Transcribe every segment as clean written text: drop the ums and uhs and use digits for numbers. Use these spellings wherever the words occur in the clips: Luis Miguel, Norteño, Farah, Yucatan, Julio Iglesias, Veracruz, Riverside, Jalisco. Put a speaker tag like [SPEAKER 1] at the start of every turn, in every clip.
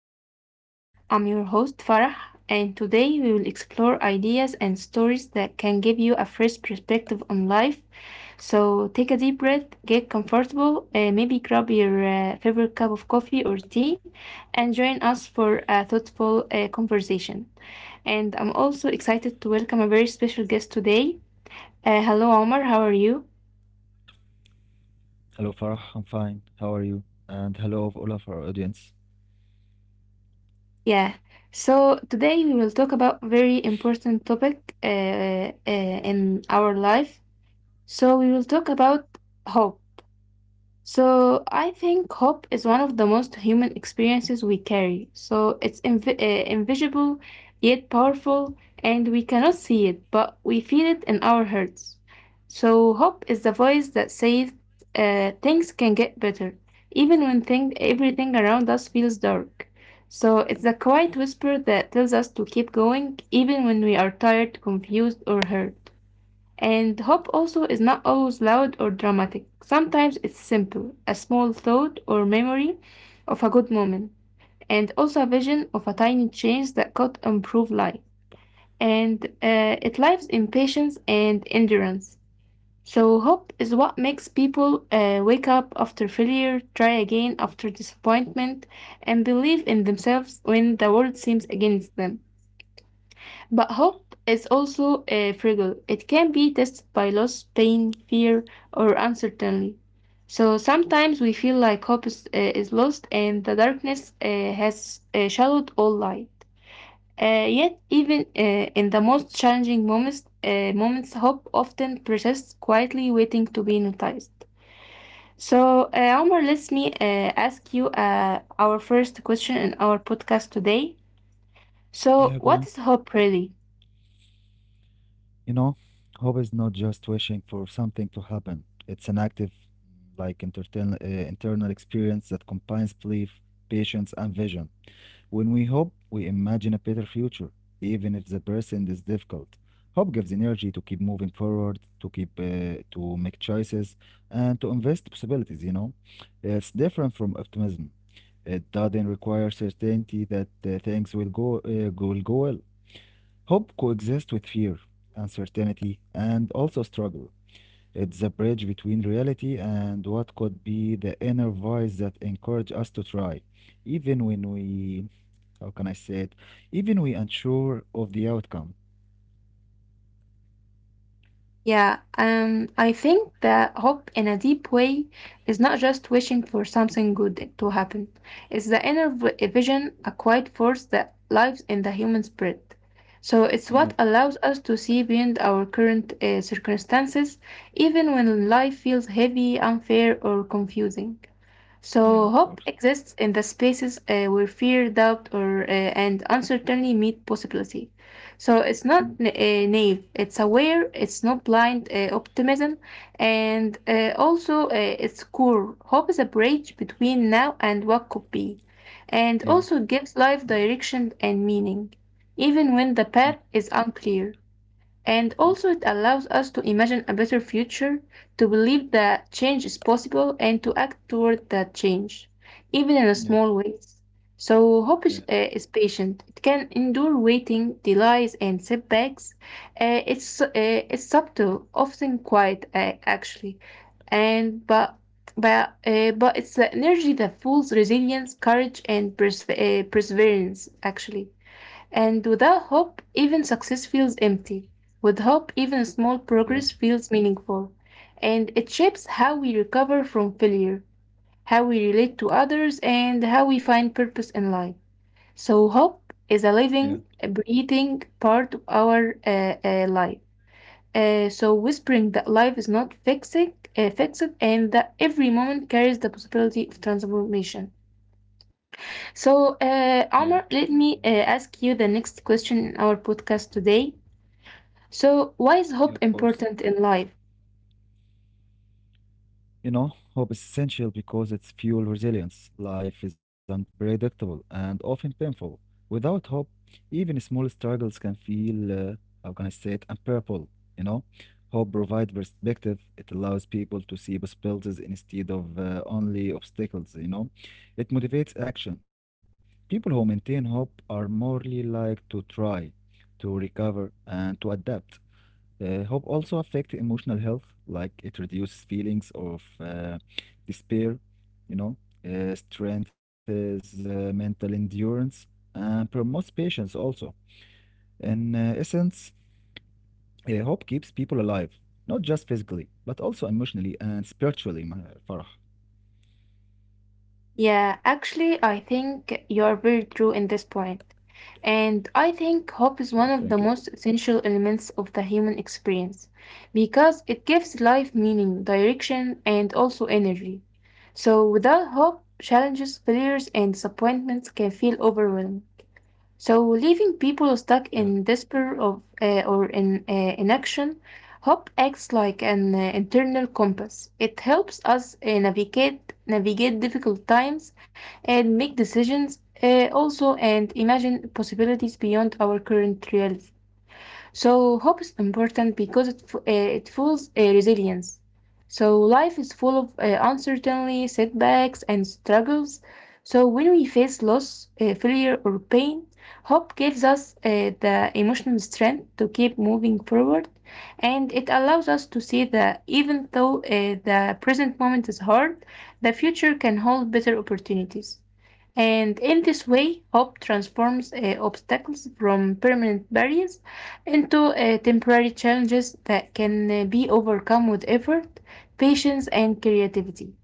[SPEAKER 1] podcast. I'm your host, Farah, and today we will explore ideas and stories that can give you a fresh perspective on life. So take a deep breath, get comfortable, maybe grab your favorite cup of coffee or tea, and join us for a thoughtful conversation. And I'm also excited to welcome a very special guest today. Hello, Omar, how are you?
[SPEAKER 2] Hello, Farah. I'm fine. How are you? And hello, all of our audience.
[SPEAKER 1] Yeah. So today we will talk about very important topic in our life. So we will talk about hope. So I think hope is one of the most human experiences we carry. So it's invisible yet powerful, and we cannot see it, but we feel it in our hearts. So hope is the voice that says things can get better, even when everything around us feels dark. So it's the quiet whisper that tells us to keep going, even when we are tired, confused, or hurt. And hope also is not always loud or dramatic. Sometimes it's simple, a small thought or memory of a good moment, and also a vision of a tiny change that could improve life. And it lives in patience and endurance. So, hope is what makes people wake up after failure, try again after disappointment, and believe in themselves when the world seems against them. But hope is also fragile. It can be tested by loss, pain, fear, or uncertainty. So sometimes we feel like hope is lost and the darkness has shadowed all light. Yet, even in the most challenging moments, hope often persists quietly, waiting to be noticed. So, Omar, let me ask you our first question in our podcast today.
[SPEAKER 2] Yeah, go on.
[SPEAKER 1] So, what is hope really?
[SPEAKER 2] You know, hope is not just wishing for something to happen. It's an active, like internal, internal experience that combines belief, patience, and vision. When we hope, we imagine a better future, even if the present is difficult. Hope gives energy to keep moving forward, to make choices, and to invest possibilities. You know, it's different from optimism. It doesn't require certainty that things will go well. Hope coexists with fear, uncertainty, and also struggle. It's a bridge between reality and what could be the inner voice that encourages us to try, even when we how can I say it? Even we unsure of the outcome.
[SPEAKER 1] Yeah, I think that hope in a deep way is not just wishing for something good to happen. It's the inner vision, a quiet force that lives in the human spirit. So it's what
[SPEAKER 2] Yeah,
[SPEAKER 1] allows us to see beyond our current circumstances, even when life feels heavy, unfair, or confusing. So
[SPEAKER 2] yeah,
[SPEAKER 1] hope
[SPEAKER 2] of course.
[SPEAKER 1] exists in the spaces where fear, doubt, or and uncertainty meet possibility. So it's not
[SPEAKER 2] Mm.
[SPEAKER 1] naive; it's aware. It's not blind optimism, and also it's core. Hope is a bridge between now and what could be, and also
[SPEAKER 2] Yeah.
[SPEAKER 1] gives life direction and meaning, even when the path is unclear. And also, it
[SPEAKER 2] Mhm.
[SPEAKER 1] allows us to imagine a better future, to believe that change is possible, and to act toward that change, even in a small
[SPEAKER 2] Yeah,
[SPEAKER 1] ways. So, hope is, uh,
[SPEAKER 2] yeah,
[SPEAKER 1] is patient. It can endure waiting, delays, and setbacks. It's subtle, often quiet, actually. And but it's the energy that fuels resilience, courage, and perseverance, actually. And without hope, even success feels empty. With hope, even small progress feels meaningful. And it shapes how we recover from failure, how we relate to others, and how we find purpose in life. So, hope is a
[SPEAKER 2] yeah,
[SPEAKER 1] living, breathing part of our life. So, whispering that life is not fixed and that every moment carries the possibility of transformation. So,
[SPEAKER 2] yeah,
[SPEAKER 1] Omar, let me ask you the next question in our podcast today. So, why is
[SPEAKER 2] yeah, of
[SPEAKER 1] hope
[SPEAKER 2] course.
[SPEAKER 1] important in life?
[SPEAKER 2] You know, hope is essential because it's fuel resilience. Life is unpredictable and often painful. Without hope, even small struggles can feel, how can I say it, unbearable. You know, hope provides perspective. It allows people to see possibilities instead of only obstacles. You know, it motivates action. People who maintain hope are more likely to try, to recover, and to adapt. Hope also affect emotional health, like it reduces feelings of despair, you know, strengthens mental endurance, and promotes patience also. In essence, hope keeps people alive, not just physically, but also emotionally and spiritually, Farah.
[SPEAKER 1] Yeah, actually, I think you're very true in this point. And I think
[SPEAKER 2] Yeah,
[SPEAKER 1] hope
[SPEAKER 2] thank
[SPEAKER 1] is
[SPEAKER 2] you.
[SPEAKER 1] one of the most essential elements of the human experience because it gives life meaning, direction, and also energy. So, without hope, challenges, failures, and disappointments can feel overwhelming. So, leaving people
[SPEAKER 2] Yeah,
[SPEAKER 1] stuck in despair of or in inaction, hope acts like an internal compass. It helps us navigate difficult times and make decisions also and imagine possibilities beyond our current reality. So hope is important because it fuels resilience. So life is full of uncertainty, setbacks, and struggles. So when we face loss, failure, or pain, hope gives us the emotional strength to keep moving forward, and it allows us to see that even though the present moment is hard, the future can hold better opportunities. And in this way, hope transforms obstacles from permanent barriers into temporary challenges that can be overcome with effort, patience, and creativity.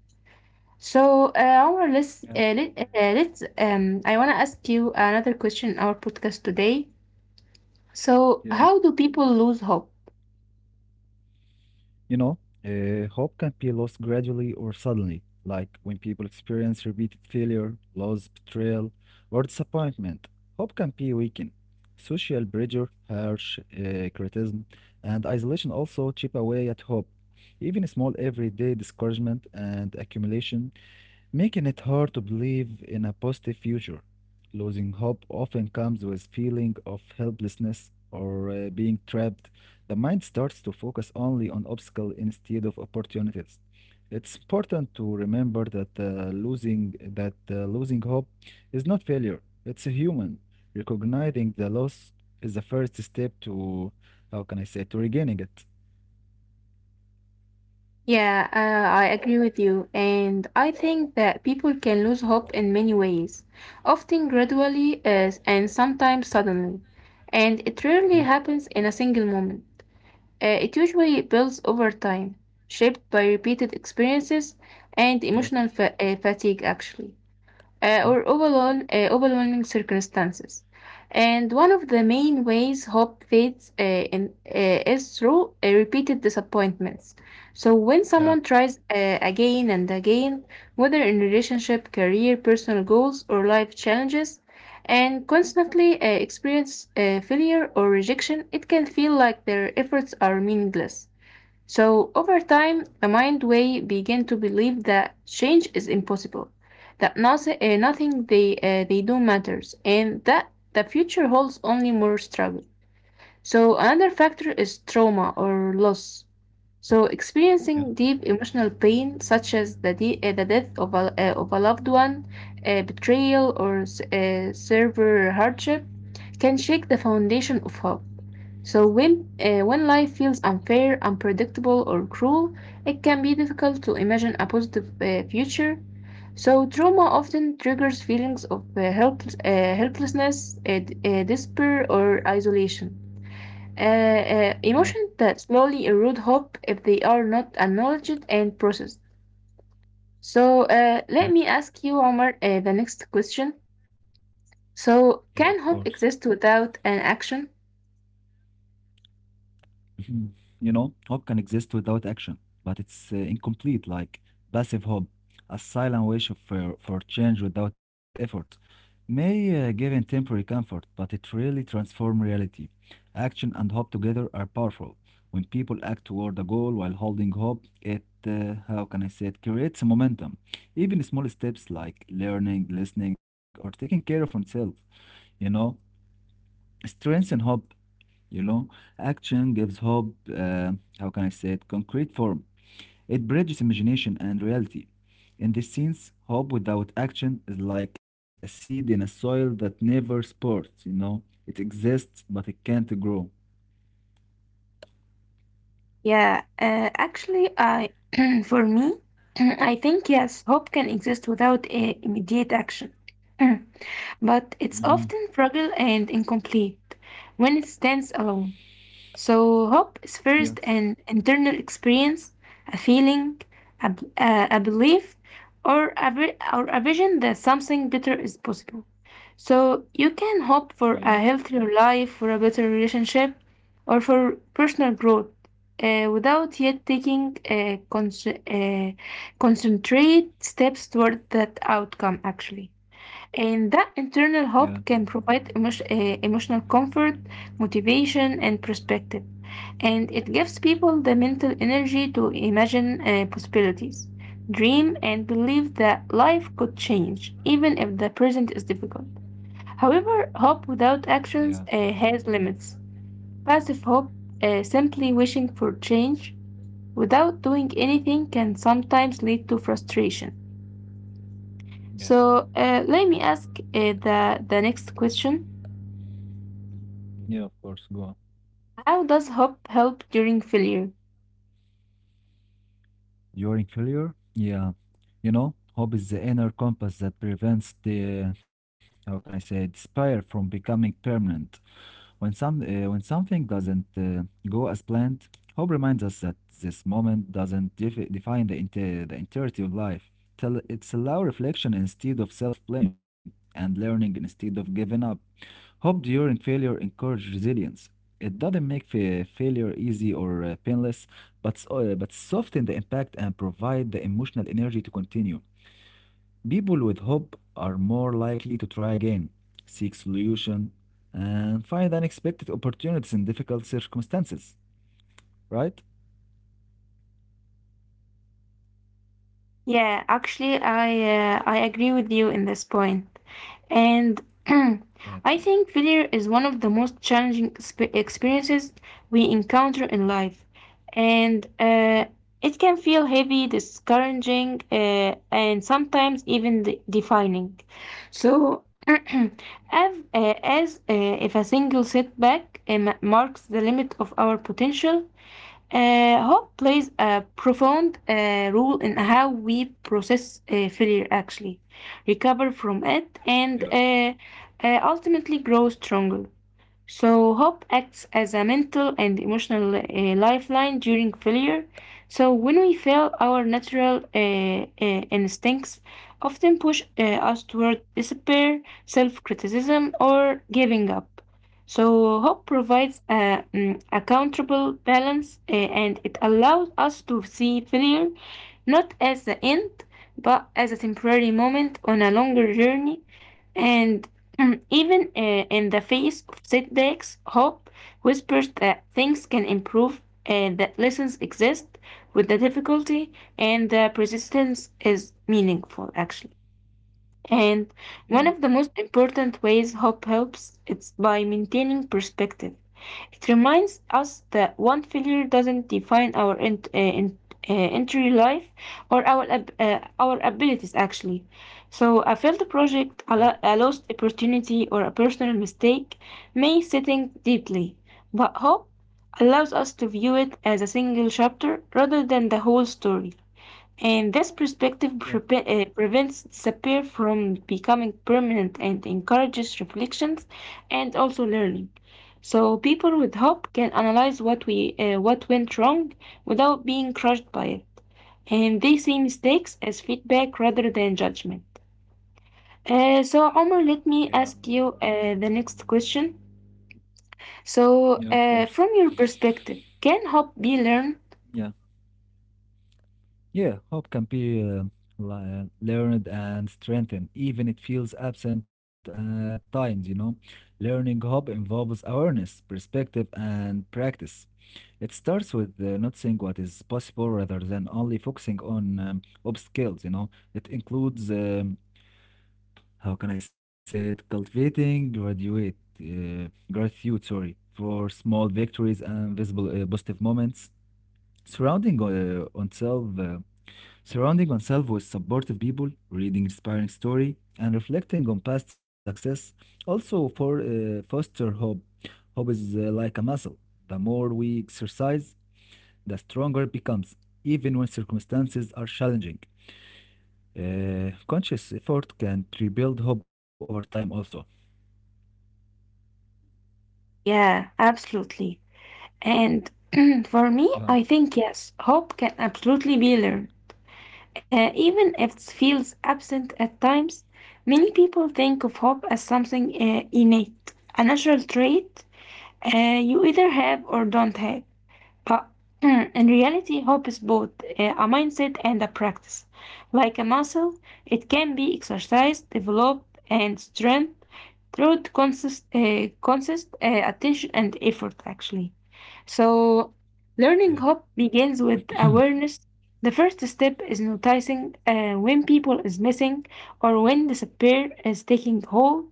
[SPEAKER 1] So, our
[SPEAKER 2] yeah.
[SPEAKER 1] let's, let, let's I want to ask you another question in our podcast today.
[SPEAKER 2] Yeah.
[SPEAKER 1] So, how do people lose hope?
[SPEAKER 2] You know, hope can be lost gradually or suddenly, like when people experience repeated failure, loss, betrayal, or disappointment. Hope can be weakened. Social pressure, harsh criticism, and isolation also chip away at hope. Even small everyday discouragement and accumulation making it hard to believe in a positive future. Losing hope often comes with feeling of helplessness or being trapped. The mind starts to focus only on obstacles instead of opportunities. It's important to remember that losing hope is not failure. It's human. Recognizing the loss is the first step to how can I say to regaining it.
[SPEAKER 1] Yeah, I agree with you. And I think that people can lose hope in many ways, often gradually and sometimes suddenly. And it rarely happens in a single moment. It usually builds over time, shaped by repeated experiences and emotional fatigue, actually
[SPEAKER 2] Mhm.
[SPEAKER 1] or overall, overwhelming circumstances. And one of the main ways hope fades is through repeated disappointments. So, when someone
[SPEAKER 2] Yeah.
[SPEAKER 1] tries again and again, whether in relationship, career, personal goals, or life challenges, and constantly experience failure or rejection, it can feel like their efforts are meaningless. So, over time, the mind way begin to believe that change is impossible, that nothing they do matters, and that the future holds only more struggle. So, another factor is trauma or loss. So,
[SPEAKER 2] Yeah,
[SPEAKER 1] experiencing deep emotional pain, such as the death of of a loved one, betrayal, or severe hardship, can shake the foundation of hope. So, when life feels unfair, unpredictable, or cruel, it can be difficult to imagine a positive future. So, trauma often triggers feelings of helplessness, despair, or isolation.
[SPEAKER 2] yeah,
[SPEAKER 1] Emotions that slowly erode hope if they are not acknowledged and processed. So let me
[SPEAKER 2] mhm.
[SPEAKER 1] ask you, Omar, the next question. So
[SPEAKER 2] Yeah, of
[SPEAKER 1] can hope
[SPEAKER 2] course.
[SPEAKER 1] exist without an action?
[SPEAKER 2] Mhm. You know, hope can exist without action, but it's incomplete, like passive hope, a silent wish for change without effort. May give in temporary comfort, but it really transforms reality. Action and hope together are powerful. When people act toward a goal while holding hope, it, how can I say it, creates momentum. Even small steps like learning, listening, or taking care of oneself, you know, strengthen hope you know, action gives hope, how can I say it, concrete form. It bridges imagination and reality. In this sense, hope without action is like a seed in a soil that never sprouts, you know. It exists, but it can't grow.
[SPEAKER 1] Yeah, actually, I for me, I think yes, hope can exist without immediate action, but it's
[SPEAKER 2] Mm-hmm.
[SPEAKER 1] often fragile and incomplete when it stands alone. So, hope is
[SPEAKER 2] Yeah,
[SPEAKER 1] first an internal experience, a feeling, a belief, or a vision that something better is possible. So, you can
[SPEAKER 2] yeah,
[SPEAKER 1] hope for a healthier life, for a better relationship, or for personal growth without yet taking uh, concentrate steps toward that outcome, actually. And that
[SPEAKER 2] yeah,
[SPEAKER 1] internal hope can provide emotional comfort, motivation, and perspective. And it gives
[SPEAKER 2] yeah,
[SPEAKER 1] people the mental energy to imagine possibilities, dream, and believe that life could change, even if the present is difficult. However, hope
[SPEAKER 2] yeah,
[SPEAKER 1] without actions has limits. Passive hope, simply wishing for change without doing anything, can sometimes lead to frustration.
[SPEAKER 2] yeah,
[SPEAKER 1] So let me ask the next question.
[SPEAKER 2] yeah, of course, go on.
[SPEAKER 1] How does hope help during failure?
[SPEAKER 2] During failure, yeah, you know, hope is the inner compass that prevents the, how can I say, it, despair from becoming permanent. When something doesn't go as planned, hope reminds us that this moment doesn't define the entirety of life. Tell it's allow reflection instead of self blame and learning instead of giving up. Hope during failure encourages resilience. It doesn't make failure easy or painless, but soften the impact and provide the emotional energy to continue. People with hope are more likely to try again, seek solution, and find unexpected opportunities in difficult circumstances, right?
[SPEAKER 1] Yeah, actually, I agree with you in this point, and I
[SPEAKER 2] Anthony.
[SPEAKER 1] think failure is one of the most challenging experiences we encounter in life, and it can feel heavy, discouraging, and sometimes even defining. So. As if a single setback marks the limit of our potential, hope plays a profound role in how we process failure, actually, recover from it,
[SPEAKER 2] Yeah,
[SPEAKER 1] and ultimately grow stronger. So, hope acts as a mental and emotional lifeline during failure. So, when we fail, our natural instincts often push us toward despair, self criticism, or giving up. So, hope provides a countable balance and it allows us to see failure not as the end, but as a temporary moment on a longer journey. And even in the face of setbacks, hope whispers that things can improve and that lessons exist with the difficulty and the persistence is meaningful, actually. And
[SPEAKER 2] yeah,
[SPEAKER 1] one of the most important ways hope helps is by maintaining perspective. It reminds us that one failure doesn't define our entry life or our abilities actually. So a failed
[SPEAKER 2] yeah,
[SPEAKER 1] project, a lost opportunity, or a personal mistake may sitting deeply, but hope allows us to view it as a single chapter rather than the whole story. And this
[SPEAKER 2] yeah,
[SPEAKER 1] perspective prevents despair from becoming permanent and encourages reflections and also learning. So people with hope can analyze what went wrong without being crushed by it, and they see mistakes as feedback rather than judgment. So Omar, let
[SPEAKER 2] yeah,
[SPEAKER 1] me ask you the next question.
[SPEAKER 2] yeah, of
[SPEAKER 1] So,
[SPEAKER 2] course.
[SPEAKER 1] from your perspective, can hope be learned?
[SPEAKER 2] Yeah, Yeah, hope can be learned and strengthened, even it feels absent at times, you know. Learning hope involves awareness, perspective, and practice. It starts with not saying what is possible rather than only focusing on obstacles, you know. It includes, how can I say it, cultivating gratitude, sorry, for small victories and visible positive moments. Surrounding uh, oneself, uh, surrounding oneself with supportive people, reading inspiring story, and reflecting on past success also for foster hope. Hope is like a muscle. The more we exercise, the stronger it becomes, even when circumstances are challenging. Conscious effort can rebuild hope over time also.
[SPEAKER 1] Yeah, absolutely. And
[SPEAKER 2] Yeah,
[SPEAKER 1] for me, I think yes, hope can absolutely be learned. Even if it feels absent at times, many people think of hope as something innate, a natural trait you either have or don't have. But in reality, hope is both a mindset and a practice. Like a muscle, it can be exercised, developed, and strengthened through consist, consist attention and effort, actually. So,
[SPEAKER 2] yeah,
[SPEAKER 1] learning hope begins with awareness. The first step is noticing when people is missing or when despair is taking hold.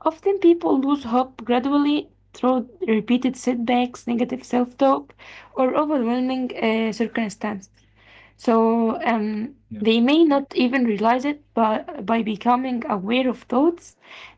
[SPEAKER 1] Often people lose hope gradually through repeated setbacks, negative self talk, or overwhelming circumstances. So
[SPEAKER 2] yeah,
[SPEAKER 1] they may not even realize it, but by becoming aware of thoughts,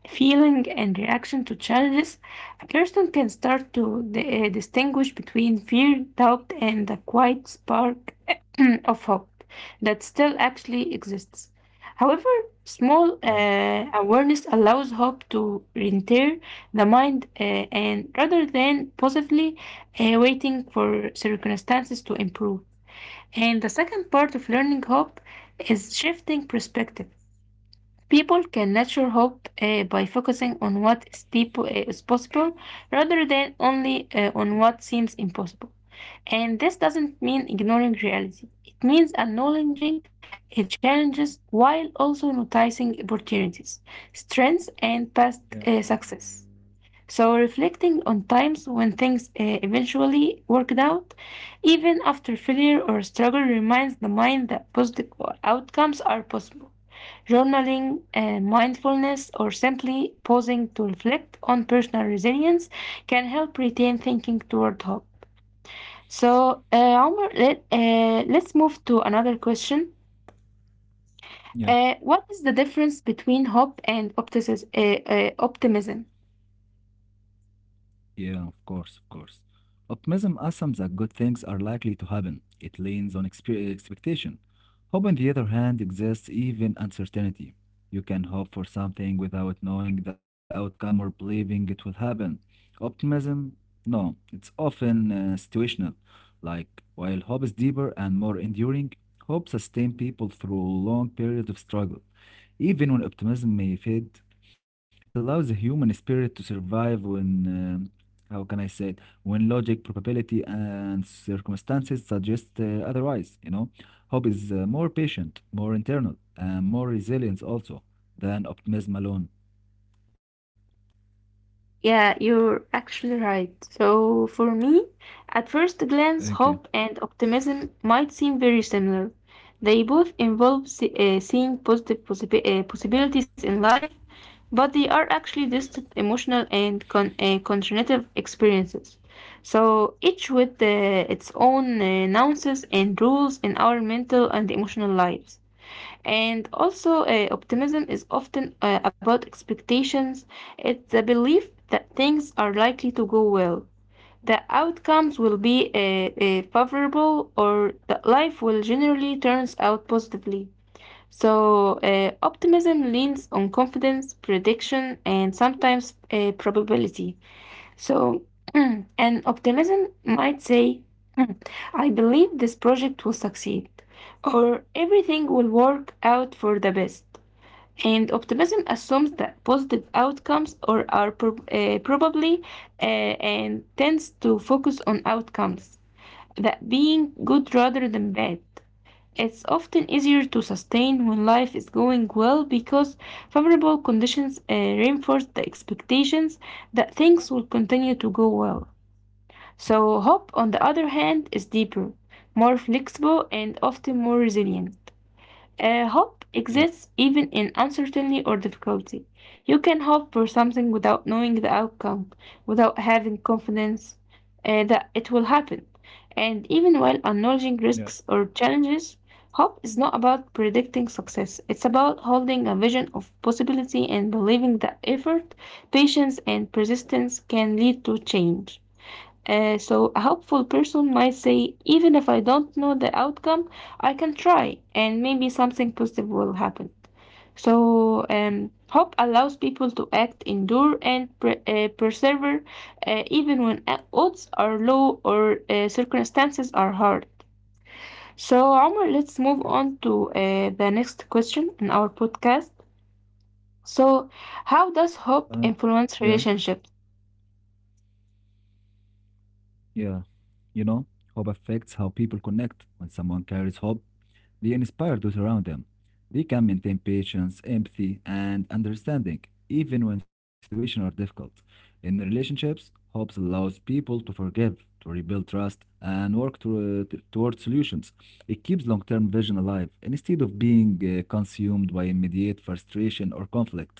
[SPEAKER 1] feeling, and reaction to challenges, a person can start to distinguish between fear, doubt, and the quiet spark of hope that still actually exists. However, small
[SPEAKER 2] yeah,
[SPEAKER 1] awareness allows hope to enter the mind, and rather than possibly waiting for circumstances to improve. And the second part of learning hope is shifting perspective. People can nurture hope by focusing on what is possible rather than only on what seems impossible. And this doesn't mean ignoring reality. It means acknowledging challenges while also noticing opportunities, strengths, and past
[SPEAKER 2] yeah,
[SPEAKER 1] success. So, reflecting on times when things eventually worked out, even after failure or struggle, reminds the mind that positive outcomes are possible. Journaling, mindfulness, or simply pausing to reflect on personal resilience can help retain thinking toward hope. So, Omar, let's move to another question.
[SPEAKER 2] yeah.
[SPEAKER 1] What is the difference between hope and optimism?
[SPEAKER 2] Yeah, of course, of course. Optimism assumes that good things are likely to happen. It leans on expectation. Hope, on the other hand, exists even uncertainty. You can hope for something without knowing the outcome or believing it will happen. Optimism, no, it's often situational. Like, while hope is deeper and more enduring, hope sustains people through long periods of struggle. Even when optimism may fade, it allows the human spirit to survive when, how can I say it, when logic, probability, and circumstances suggest otherwise, you know? Hope is more patient, more internal, and more resilient also than optimism alone.
[SPEAKER 1] Yeah, you're actually right. So, for me, at first
[SPEAKER 2] Thank you.
[SPEAKER 1] glance, hope and optimism might seem very similar. They both involve seeing positive possibilities in life, but they are actually distant emotional and cognitive experiences. So, each with its own nuances and rules in our mental and emotional lives. And also, optimism is often about expectations. It's the belief that things are likely to go well, the outcomes will be favorable, or that life will generally turns out positively. So, optimism leans on confidence, prediction, and sometimes probability. So, and optimism might say, "Hmm, I believe this project will succeed, or everything will work out for the best." And optimism assumes that positive outcomes or are probably and tends to focus on outcomes that being good rather than bad. It's often easier to sustain when life is going well because favorable conditions reinforce the expectations that things will continue to go well. So, hope, on the other hand, is deeper, more flexible, and often more resilient. Hope
[SPEAKER 2] Yeah,
[SPEAKER 1] exists even in uncertainty or difficulty. You can hope for something without knowing the outcome, without having confidence that it will happen. And even while
[SPEAKER 2] yeah.
[SPEAKER 1] acknowledging risks or challenges, hope is not about predicting success. It's about holding a vision of possibility and believing that effort, patience, and persistence can lead to change. So a hopeful person might say, even if I don't know the outcome, I can try and maybe something positive will happen. So hope allows people to act, endure, and persevere even when odds are low or circumstances are hard. So, Omar, let's
[SPEAKER 2] Yeah.
[SPEAKER 1] move on to the next question in our podcast. So, how does
[SPEAKER 2] Uh,
[SPEAKER 1] hope
[SPEAKER 2] yeah,
[SPEAKER 1] influence relationships?
[SPEAKER 2] yeah. You know, hope affects how people connect. When someone carries hope, They inspire those around them. They can maintain patience, empathy, and understanding, even when situations are difficult. In relationships, hope allows people to forgive, to rebuild trust, and work toward solutions. It keeps long term vision alive instead of being consumed by immediate frustration or conflict.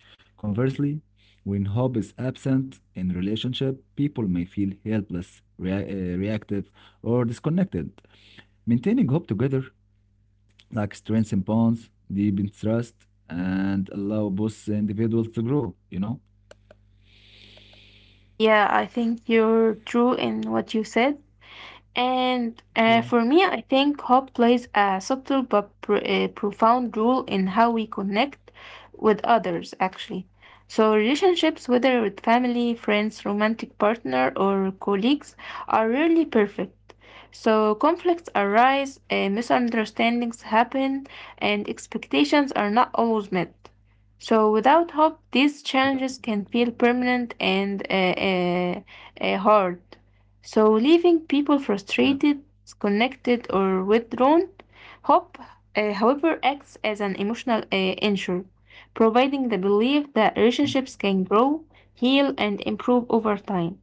[SPEAKER 2] Conversely, when hope is absent in relationship, people may feel helpless, reactive, or disconnected. Maintaining hope together like strengthen bonds, deepen trust, and allow both individuals to grow, you know?
[SPEAKER 1] Yeah, I think you're true in what you said. And
[SPEAKER 2] Yeah,
[SPEAKER 1] for me, I think hope plays a subtle but pr profound role in how we connect with others, actually. So, relationships, whether with family, friends, romantic partner, or colleagues, are rarely perfect. So, conflicts arise, misunderstandings happen, and expectations are not always met. So, without hope, these
[SPEAKER 2] yeah,
[SPEAKER 1] challenges can feel permanent and hard. So, leaving people
[SPEAKER 2] yeah,
[SPEAKER 1] frustrated, disconnected, or withdrawn, hope, however, acts as an emotional anchor, providing the belief that
[SPEAKER 2] mm,
[SPEAKER 1] relationships can grow, heal, and improve over time.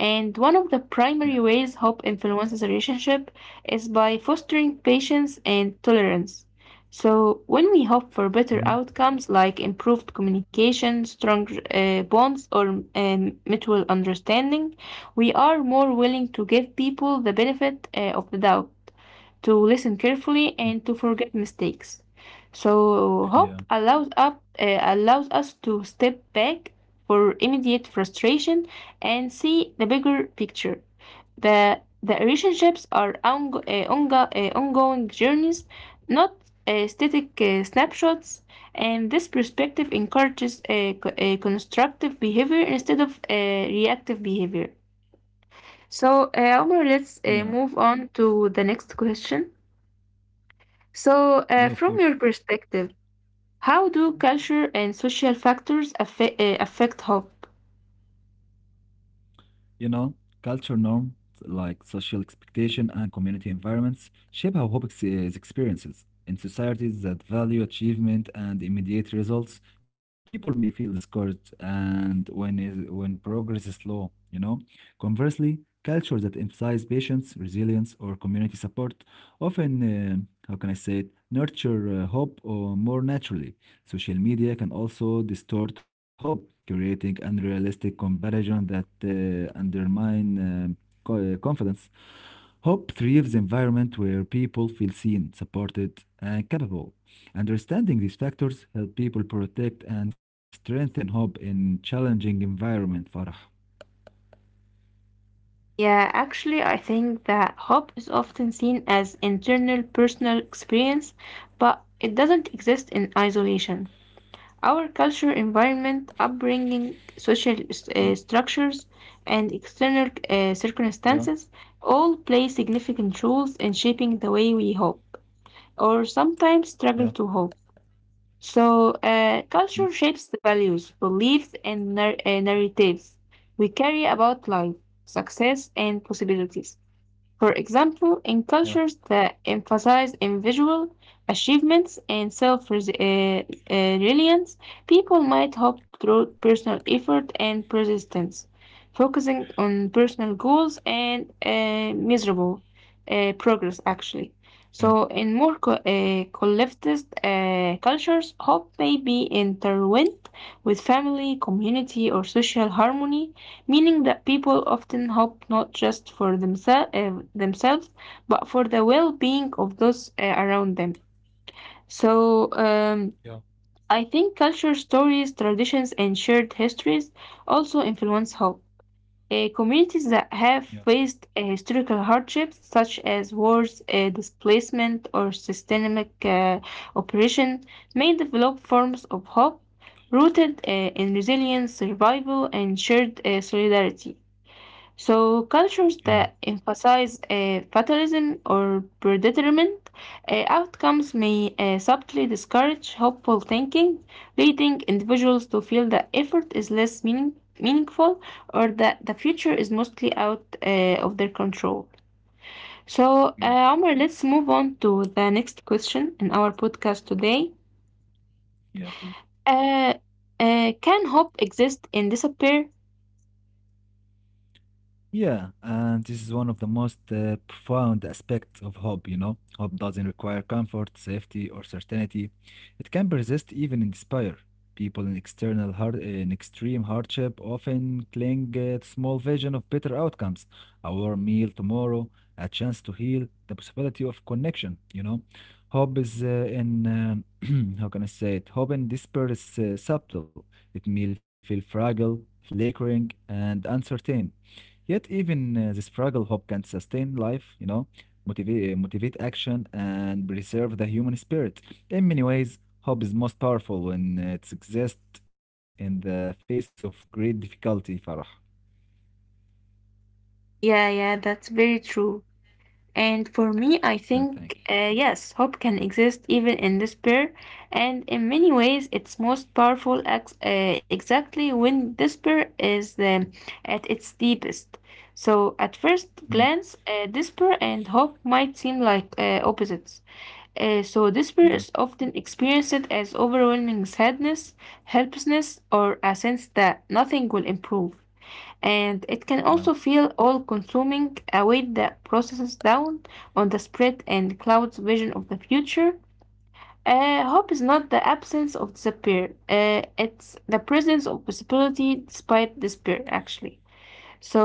[SPEAKER 1] And one of the
[SPEAKER 2] yeah,
[SPEAKER 1] primary ways hope influences a relationship is by fostering patience and tolerance. So, when we hope for
[SPEAKER 2] mhm,
[SPEAKER 1] better outcomes like improved communication, strong bonds, or mutual understanding, we are more willing to give people the benefit of the doubt, to listen carefully,
[SPEAKER 2] mm,
[SPEAKER 1] and to forget mistakes. So
[SPEAKER 2] yeah,
[SPEAKER 1] hope allows us to step back for immediate frustration and see the bigger picture. The relationships are ongoing journeys, not static snapshots. And this perspective encourages constructive behavior instead of reactive behavior. So, Omar,
[SPEAKER 2] yeah,
[SPEAKER 1] let's move on to the next question. So,
[SPEAKER 2] yeah, of
[SPEAKER 1] from
[SPEAKER 2] course.
[SPEAKER 1] your perspective, how do culture and social factors affect hope?
[SPEAKER 2] You know, culture norms like social expectation and community environments shape how hope is experienced. In societies that value achievement and immediate results, people may feel discouraged when progress is slow, you know. Conversely, cultures that emphasize patience, resilience, or community support often, how can I say it, nurture hope or more naturally. Social media can also distort hope, creating unrealistic comparison that undermine confidence. Hope thrives environment where people feel seen, supported, and capable. Understanding these factors help people protect and strengthen hope in challenging environment, Farah.
[SPEAKER 1] Yeah, actually, I think that hope is often seen as internal personal experience, but it doesn't exist in isolation. Our culture, environment, upbringing,
[SPEAKER 2] Yeah,
[SPEAKER 1] social structures, and external
[SPEAKER 2] yeah,
[SPEAKER 1] circumstances all play significant roles in shaping the way we hope, or sometimes
[SPEAKER 2] yeah,
[SPEAKER 1] struggle to hope. So,
[SPEAKER 2] mhm,
[SPEAKER 1] culture shapes the values, beliefs, and narratives we carry about life, success, and possibilities. For example, in
[SPEAKER 2] yeah,
[SPEAKER 1] cultures that emphasize individual achievements and self reliance, people might hope through personal effort and persistence, focusing on personal goals and miserable progress, actually.
[SPEAKER 2] yeah,
[SPEAKER 1] So, in more collectivist cultures, hope may be intertwined with family, community, or social harmony, meaning that people often hope not just for themselves, but for the well being of those around them. So,
[SPEAKER 2] yeah,
[SPEAKER 1] I think culture, stories, traditions, and shared histories also influence hope. Communities that
[SPEAKER 2] yeah,
[SPEAKER 1] have faced historical hardships such as wars, displacement, or systemic oppression may develop forms of hope rooted in resilience, survival, and shared solidarity. So,
[SPEAKER 2] yeah,
[SPEAKER 1] cultures that emphasize fatalism or predetermined outcomes may subtly discourage hopeful thinking, leading individuals to feel that effort is less meaningful or that the future is mostly out of their control. So,
[SPEAKER 2] yeah,
[SPEAKER 1] Omar, let's move on to the next question in our podcast today.
[SPEAKER 2] yeah, please.
[SPEAKER 1] Uh, can hope exist in despair?
[SPEAKER 2] Yeah, and this is one of the most profound aspects of hope, you know. Hope doesn't require comfort, safety, or certainty. It can persist even in despair. People in external hard, In extreme hardship often cling to small vision of better outcomes, a warm meal tomorrow, a chance to heal, the possibility of connection, you know. Hope is in how can I say it? Hope in despair is subtle. It may feel fragile, flickering, and uncertain. Yet even the struggle hope can sustain life, you know, motivate action and preserve the human spirit. In many ways, hope is most powerful when it exists in the face of great difficulty, Farah.
[SPEAKER 1] Yeah, yeah, that's very true.
[SPEAKER 2] Yeah,
[SPEAKER 1] And for
[SPEAKER 2] thank you.
[SPEAKER 1] me, I think, yes, hope can exist even in despair. And in many ways, it's most powerful exactly when despair is at its deepest. So, at
[SPEAKER 2] Mm.
[SPEAKER 1] first glance, despair and hope might seem like opposites. So,
[SPEAKER 2] Yeah,
[SPEAKER 1] despair is often experienced as overwhelming sadness, helplessness, or a sense that nothing will improve, and it
[SPEAKER 2] yeah,
[SPEAKER 1] can also feel all consuming, a weight that processes down on the spread and clouds vision of the future. Hope is not the absence of despair, it's the presence of possibility despite despair, actually.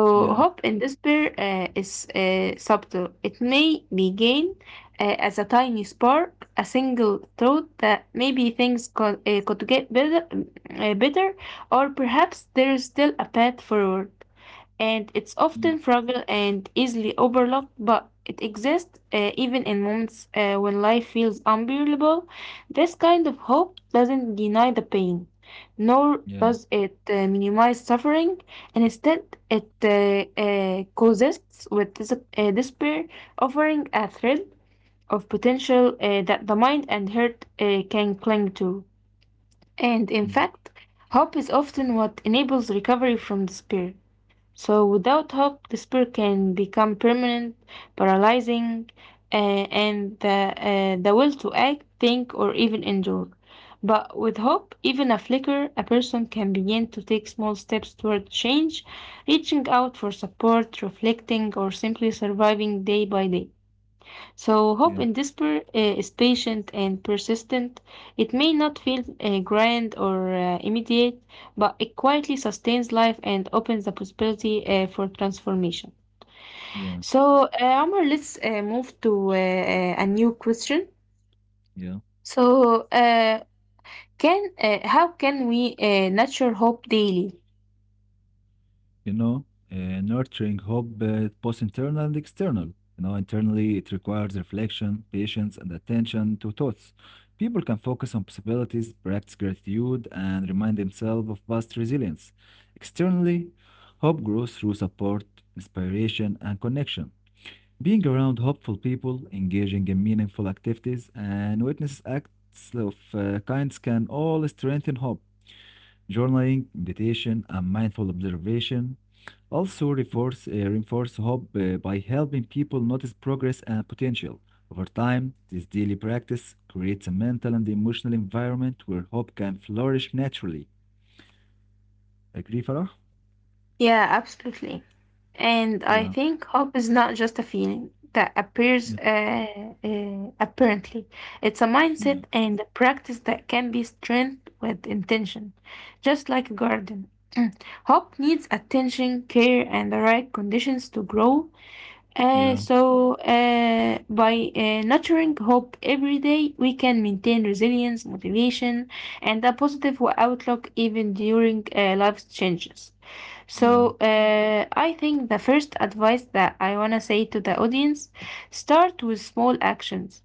[SPEAKER 2] yeah,
[SPEAKER 1] hope and despair is subtle. It may begin as a tiny spark, a single thought that maybe things could get better, uh, better, or perhaps there is still a path forward, and it's
[SPEAKER 2] mm,
[SPEAKER 1] often fragile and easily overlooked, but it exists even in moments when life feels unbearable. This kind of hope doesn't deny the pain, nor
[SPEAKER 2] yeah,
[SPEAKER 1] does it minimize suffering. And instead, it coexists with despair, offering a thread of potential that the mind and heart can cling to. And in
[SPEAKER 2] mm,
[SPEAKER 1] fact, hope is often what enables recovery from despair. So, without hope, despair can become permanent, paralyzing, uh, and the will to act, think, or even endure. But with hope, even a flicker, a person can begin to take small steps toward change, reaching out for support, reflecting, or simply surviving day by day. So, hope
[SPEAKER 2] yeah,
[SPEAKER 1] in despair is patient and persistent. It may not feel grand or immediate, but it quietly sustains life and opens the possibility for transformation.
[SPEAKER 2] yeah,
[SPEAKER 1] So, Omar, let's move to a new question.
[SPEAKER 2] yeah.
[SPEAKER 1] So, can how can we nurture hope daily?
[SPEAKER 2] You know, nurturing hope both internal and external. You know, internally, it requires reflection, patience, and attention to thoughts. People can focus on possibilities, practice gratitude, and remind themselves of past resilience. Externally, hope grows through support, inspiration, and connection. Being around hopeful people, engaging in meaningful activities, and witness acts of kinds can all strengthen hope. Journaling, meditation, and mindful observation also, reinforce hope by helping people notice progress and potential. Over time, this daily practice creates a mental and emotional environment where hope can flourish naturally. Agree, Farah?
[SPEAKER 1] Yeah, absolutely. And I
[SPEAKER 2] Yeah,
[SPEAKER 1] think hope is not just a feeling that appears
[SPEAKER 2] yeah,
[SPEAKER 1] apparently. It's a
[SPEAKER 2] yeah,
[SPEAKER 1] mindset and a practice that can be strengthened with intention, just like a garden. Hope needs attention, care, and the right conditions to grow. Uh,
[SPEAKER 2] yeah,
[SPEAKER 1] so, uh, by nurturing hope every day, we can maintain resilience, motivation, and a positive outlook even during life's changes. So,
[SPEAKER 2] yeah,
[SPEAKER 1] I think the first advice that I want to say to the audience: start with small actions.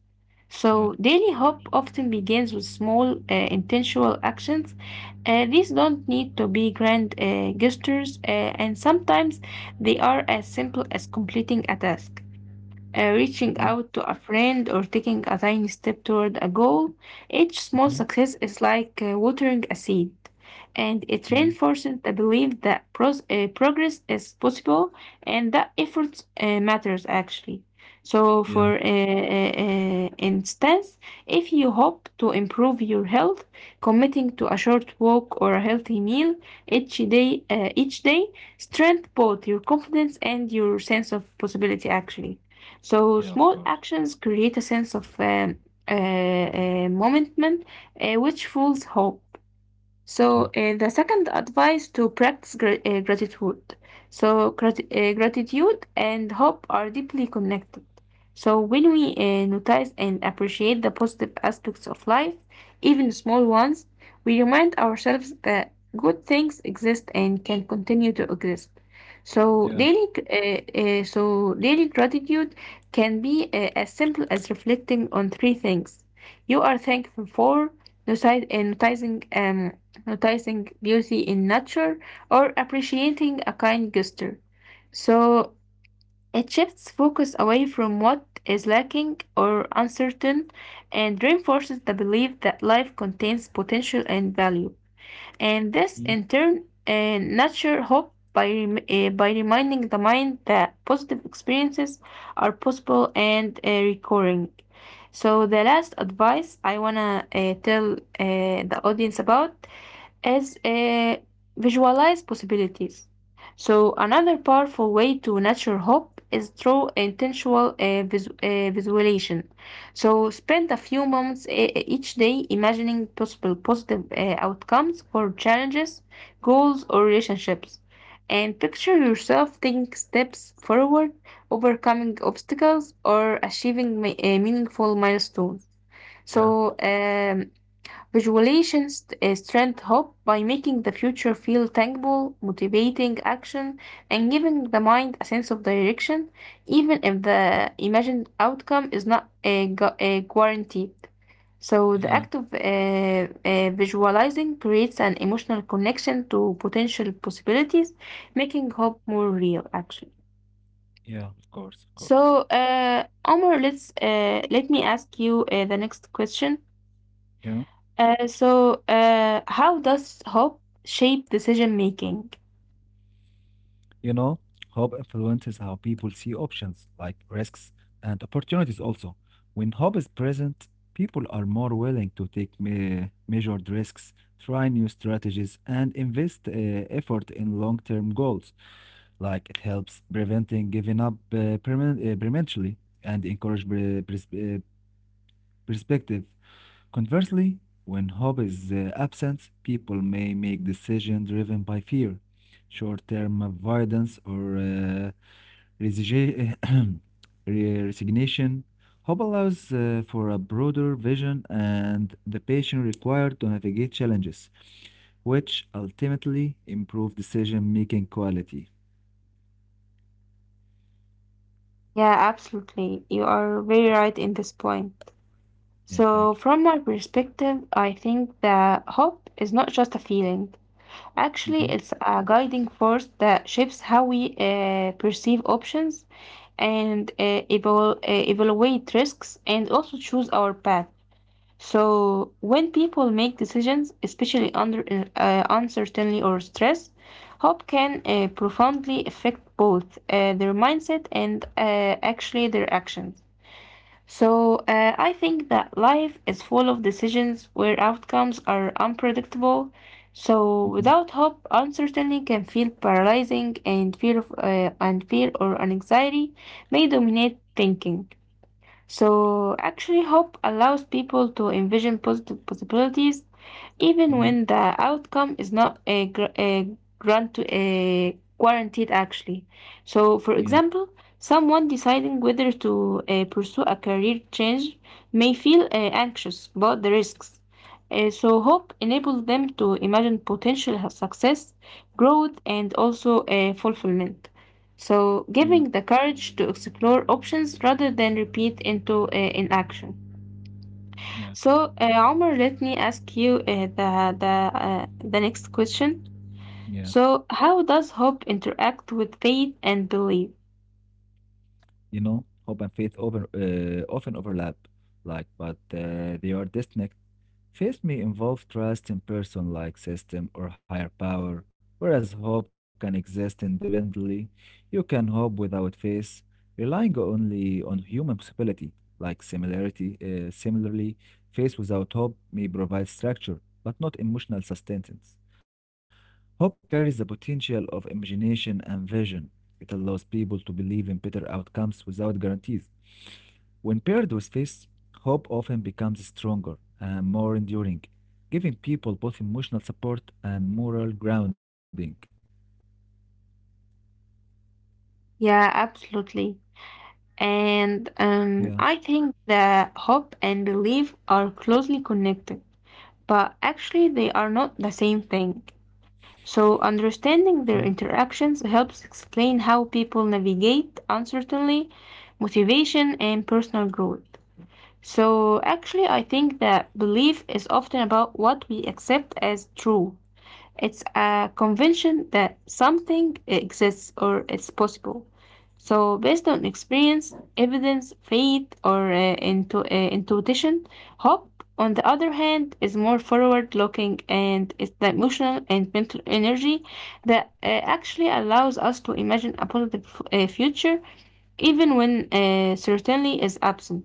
[SPEAKER 1] So,
[SPEAKER 2] yeah.
[SPEAKER 1] daily hope often begins with small, intentional actions. These don't need to be grand gestures, and sometimes they are as simple as completing a task, reaching
[SPEAKER 2] Mm-hmm,
[SPEAKER 1] out to a friend, or taking a tiny step toward a goal. Each small
[SPEAKER 2] mm-hmm,
[SPEAKER 1] success is like watering a seed, and it
[SPEAKER 2] mm-hmm.
[SPEAKER 1] reinforces the belief that progress is possible and that effort matters actually. So, for
[SPEAKER 2] Yeah,
[SPEAKER 1] instance, if you hope to improve your health, committing to a short walk or a healthy meal each day, strength both your confidence and your sense of possibility actually. So
[SPEAKER 2] yeah, of
[SPEAKER 1] small
[SPEAKER 2] course.
[SPEAKER 1] actions create a sense of momentum, which fuels hope. So
[SPEAKER 2] Yeah,
[SPEAKER 1] the second advice to practice gratitude. So gratitude and hope are deeply connected. So when we notice and appreciate the positive aspects of life, even small ones, we remind ourselves that good things exist and can continue to exist. So
[SPEAKER 2] yeah,
[SPEAKER 1] daily gratitude can be as simple as reflecting on three things you are thankful for: noti- uh, noticing, um, noticing beauty in nature or appreciating a kind gesture. So it shifts focus away from what is lacking or uncertain, and reinforces the belief that life contains potential and value, and this in
[SPEAKER 2] mm-hmm.
[SPEAKER 1] turn nurture hope by by reminding the mind that positive experiences are possible and recurring. So, the last advice I want to tell the audience about is visualize possibilities. So, another powerful way to nurture hope is through intentional visualization. So spend a few moments each day imagining possible positive outcomes for challenges, goals, or relationships. And picture yourself taking steps forward, overcoming obstacles, or achieving meaningful milestones.
[SPEAKER 2] yeah,
[SPEAKER 1] So, um, Visualizations strengthen hope by making the future feel tangible, motivating action, and giving the mind a sense of direction, even if the imagined outcome is not guaranteed. So, the
[SPEAKER 2] yeah,
[SPEAKER 1] act of visualizing creates an emotional connection to potential possibilities, making hope more real, actually.
[SPEAKER 2] yeah, of course, of
[SPEAKER 1] So,
[SPEAKER 2] course.
[SPEAKER 1] Omar, let me ask you the next question.
[SPEAKER 2] Yeah.
[SPEAKER 1] How does hope shape decision making?
[SPEAKER 2] You know, hope influences how people see options, like risks and opportunities also. When hope is present, people are more willing to take measured risks, try new strategies, and invest effort in long-term goals. Like it helps preventing giving up prematurely and encourage perspective. Conversely, when hope is absent, people may make decisions driven by fear short-term avoidance or Resige- resignation. Hope allows for a broader vision and the patience required to navigate challenges, which ultimately improve decision-making quality.
[SPEAKER 1] Yeah, absolutely. You are very right in this point.
[SPEAKER 2] Yeah, thank
[SPEAKER 1] So,
[SPEAKER 2] you.
[SPEAKER 1] from my perspective, I think that hope is not just a feeling. Actually,
[SPEAKER 2] Hmm.
[SPEAKER 1] it's a guiding force that shapes how we perceive options and evaluate risks, and also choose our path. So when people make decisions, especially under uncertainty or stress, hope can profoundly affect both their mindset and actually their actions. So I think that life is full of decisions where outcomes are unpredictable. So
[SPEAKER 2] Hmm.
[SPEAKER 1] without hope, uncertainty can feel paralyzing, and fear or anxiety may dominate thinking. So, actually, hope allows people to envision positive possibilities even
[SPEAKER 2] Hmm.
[SPEAKER 1] when the outcome is not a, gr- a grant a guaranteed actually. So, for
[SPEAKER 2] Yeah,
[SPEAKER 1] example, someone deciding whether to pursue a career change may feel anxious about the risks. So hope enables them to imagine potential success, growth, and also fulfillment, so
[SPEAKER 2] yeah,
[SPEAKER 1] giving the courage to explore options rather than repeat into inaction.
[SPEAKER 2] yeah,
[SPEAKER 1] So, Omar, let me ask you the next question.
[SPEAKER 2] yeah.
[SPEAKER 1] So, how does hope interact with faith and belief?
[SPEAKER 2] You know, hope and faith over often overlap, but they are distinct. Faith may involve trust in person like system or higher power, whereas hope can exist independently. You can hope without faith, relying only on human possibility, like similarity. Similarly, faith without hope may provide structure, but not emotional sustenance. Hope carries the potential of imagination and vision. It allows people to believe in better outcomes without guarantees. When paired with faith, hope often becomes stronger and more enduring, giving people both emotional support and moral grounding.
[SPEAKER 1] Yeah, absolutely. And
[SPEAKER 2] Yeah.
[SPEAKER 1] I think that hope and belief are closely connected, but actually they are not the same thing. So,
[SPEAKER 2] Mhm.
[SPEAKER 1] understanding their interactions helps explain how people navigate uncertainty, motivation, and personal growth. So, actually, I think that belief is often about what we accept as true; it's a convention that something exists or it's possible. So, based on experience, evidence, faith, or intuition, hope, on the other hand, is more forward looking, and it's the emotional and mental energy that actually allows us to imagine a positive future even when certainty is absent.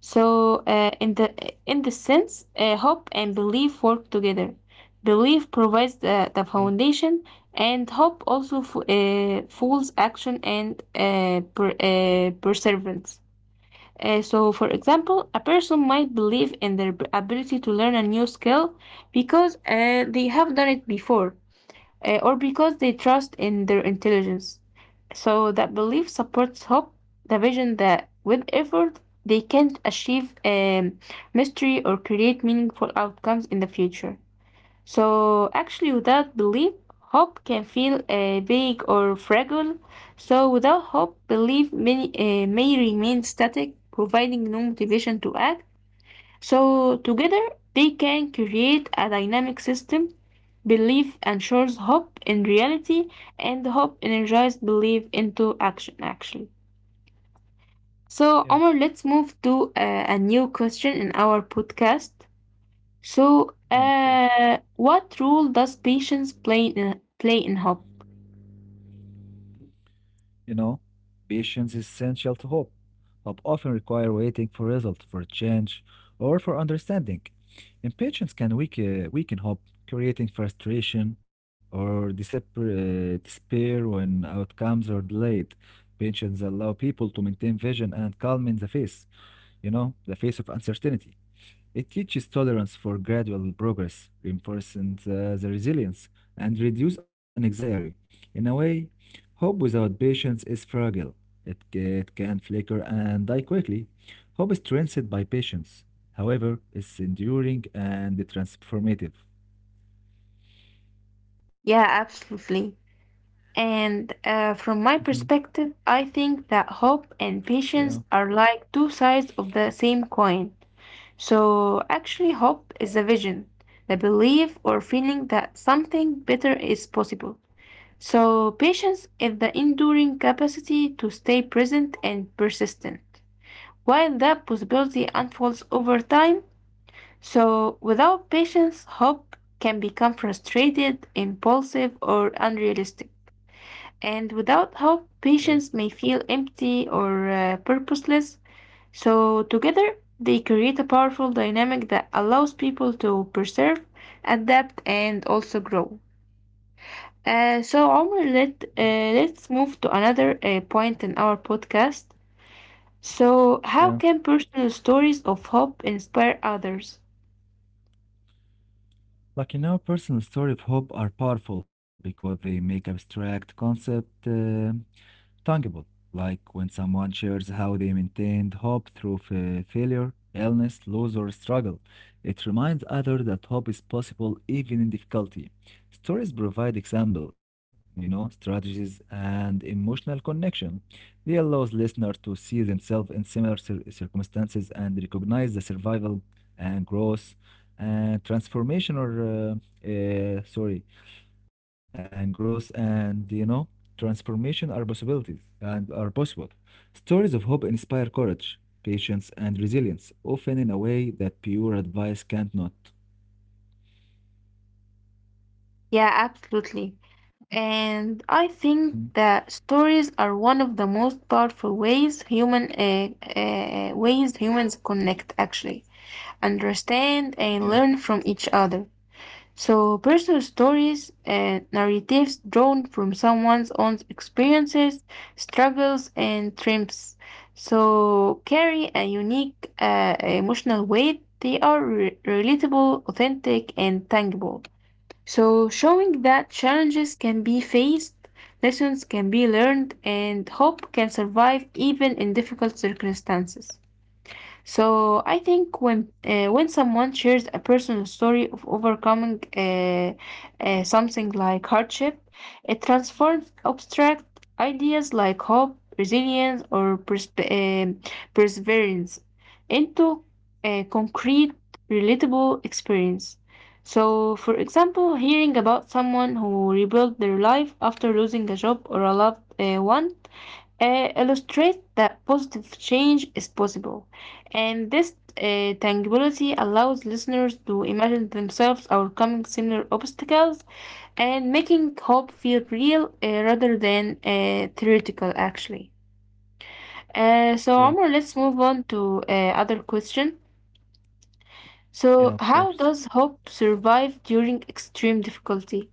[SPEAKER 1] So, in this sense, hope and belief work together. Belief provides the,
[SPEAKER 2] Yeah.
[SPEAKER 1] the foundation, and hope also fuels action and perseverance. So, for example, a person might believe in their ability to learn a new skill because they have done it before, or because they trust in their intelligence. So that belief supports hope, the vision that with effort they can achieve mystery or create meaningful outcomes in the future. So actually, without belief, hope can feel vague or fragile. So without hope, belief may remain static, providing no motivation to act. So, together, they can create a dynamic system. Belief ensures hope in reality, and hope energized belief into action, actually.
[SPEAKER 2] Yeah.
[SPEAKER 1] So, Omar, let's move to a new question in our podcast. So,
[SPEAKER 2] Yeah, of course.
[SPEAKER 1] what role does patience play in hope?
[SPEAKER 2] You know, patience is essential to hope. Hope often require waiting for result, for change, or for understanding. Impatience can weaken hope, creating frustration or despair when outcomes are delayed. Patience allow people to maintain vision and calm in the face, you know, the face of uncertainty. It teaches tolerance for gradual progress, reinforcing the resilience, and reduce anxiety. In a way, hope without patience is fragile. It can flicker and die quickly. Hope is strengthened by patience. However, it's enduring and transformative.
[SPEAKER 1] Yeah, absolutely. And from my
[SPEAKER 2] Mhm.
[SPEAKER 1] perspective, I think that hope and
[SPEAKER 2] Yeah.
[SPEAKER 1] patience are like two sides of the same coin. So, actually, hope is a vision, the belief or feeling that something better is possible. So, patience is the enduring capacity to stay present and persistent while that
[SPEAKER 2] Mhm.
[SPEAKER 1] possibility unfolds over time. So, without patience, hope can become frustrated, impulsive, or unrealistic. And without hope,
[SPEAKER 2] Yeah.
[SPEAKER 1] patience may feel empty or purposeless. So, together, they create a powerful dynamic that allows people to preserve, adapt, and also grow. Uh, so, Omar,
[SPEAKER 2] Mhm.
[SPEAKER 1] let, uh, let's move to another point in our podcast. So,
[SPEAKER 2] Yeah,
[SPEAKER 1] how can personal stories of hope inspire others?
[SPEAKER 2] like in our personal story of hope are powerful because they make abstract concept tangible, like when someone shares how they maintained hope through failure, illness, loss, or struggle. It reminds others that hope is possible even in difficulty. Stories provide example, you know, strategies and emotional connection. They allows listeners to see themselves in similar circumstances and recognize the survival and growth and transformation or sorry and growth and you know transformation are possibilities and are possible stories of hope inspire courage patience and resilience often in a way that pure advice can't not.
[SPEAKER 1] Yeah, absolutely. And I think
[SPEAKER 2] Mhm.
[SPEAKER 1] that stories are one of the most powerful ways human ways humans connect, actually, understand and
[SPEAKER 2] yeah
[SPEAKER 1] learn from each other. So, personal stories and narratives drawn from someone's own experiences, struggles, and triumphs, so, carry a unique emotional weight. They are relatable, authentic, and tangible. So, showing that challenges can be faced, lessons can be learned, and hope can survive even in difficult circumstances. So I think when someone shares a personal story of overcoming something like hardship, it transforms abstract ideas like hope, resilience, or perseverance into a concrete, relatable experience. So, for example, hearing about someone who rebuilt their life after losing a job or a loved one illustrate that positive change is possible. And this tangibility allows listeners to imagine themselves overcoming similar obstacles and making hope feel real rather than theoretical, actually.
[SPEAKER 2] Yeah.
[SPEAKER 1] So, Omar, let's move on to other question.
[SPEAKER 2] Yeah, of
[SPEAKER 1] So, how
[SPEAKER 2] course.
[SPEAKER 1] does hope survive during extreme difficulty?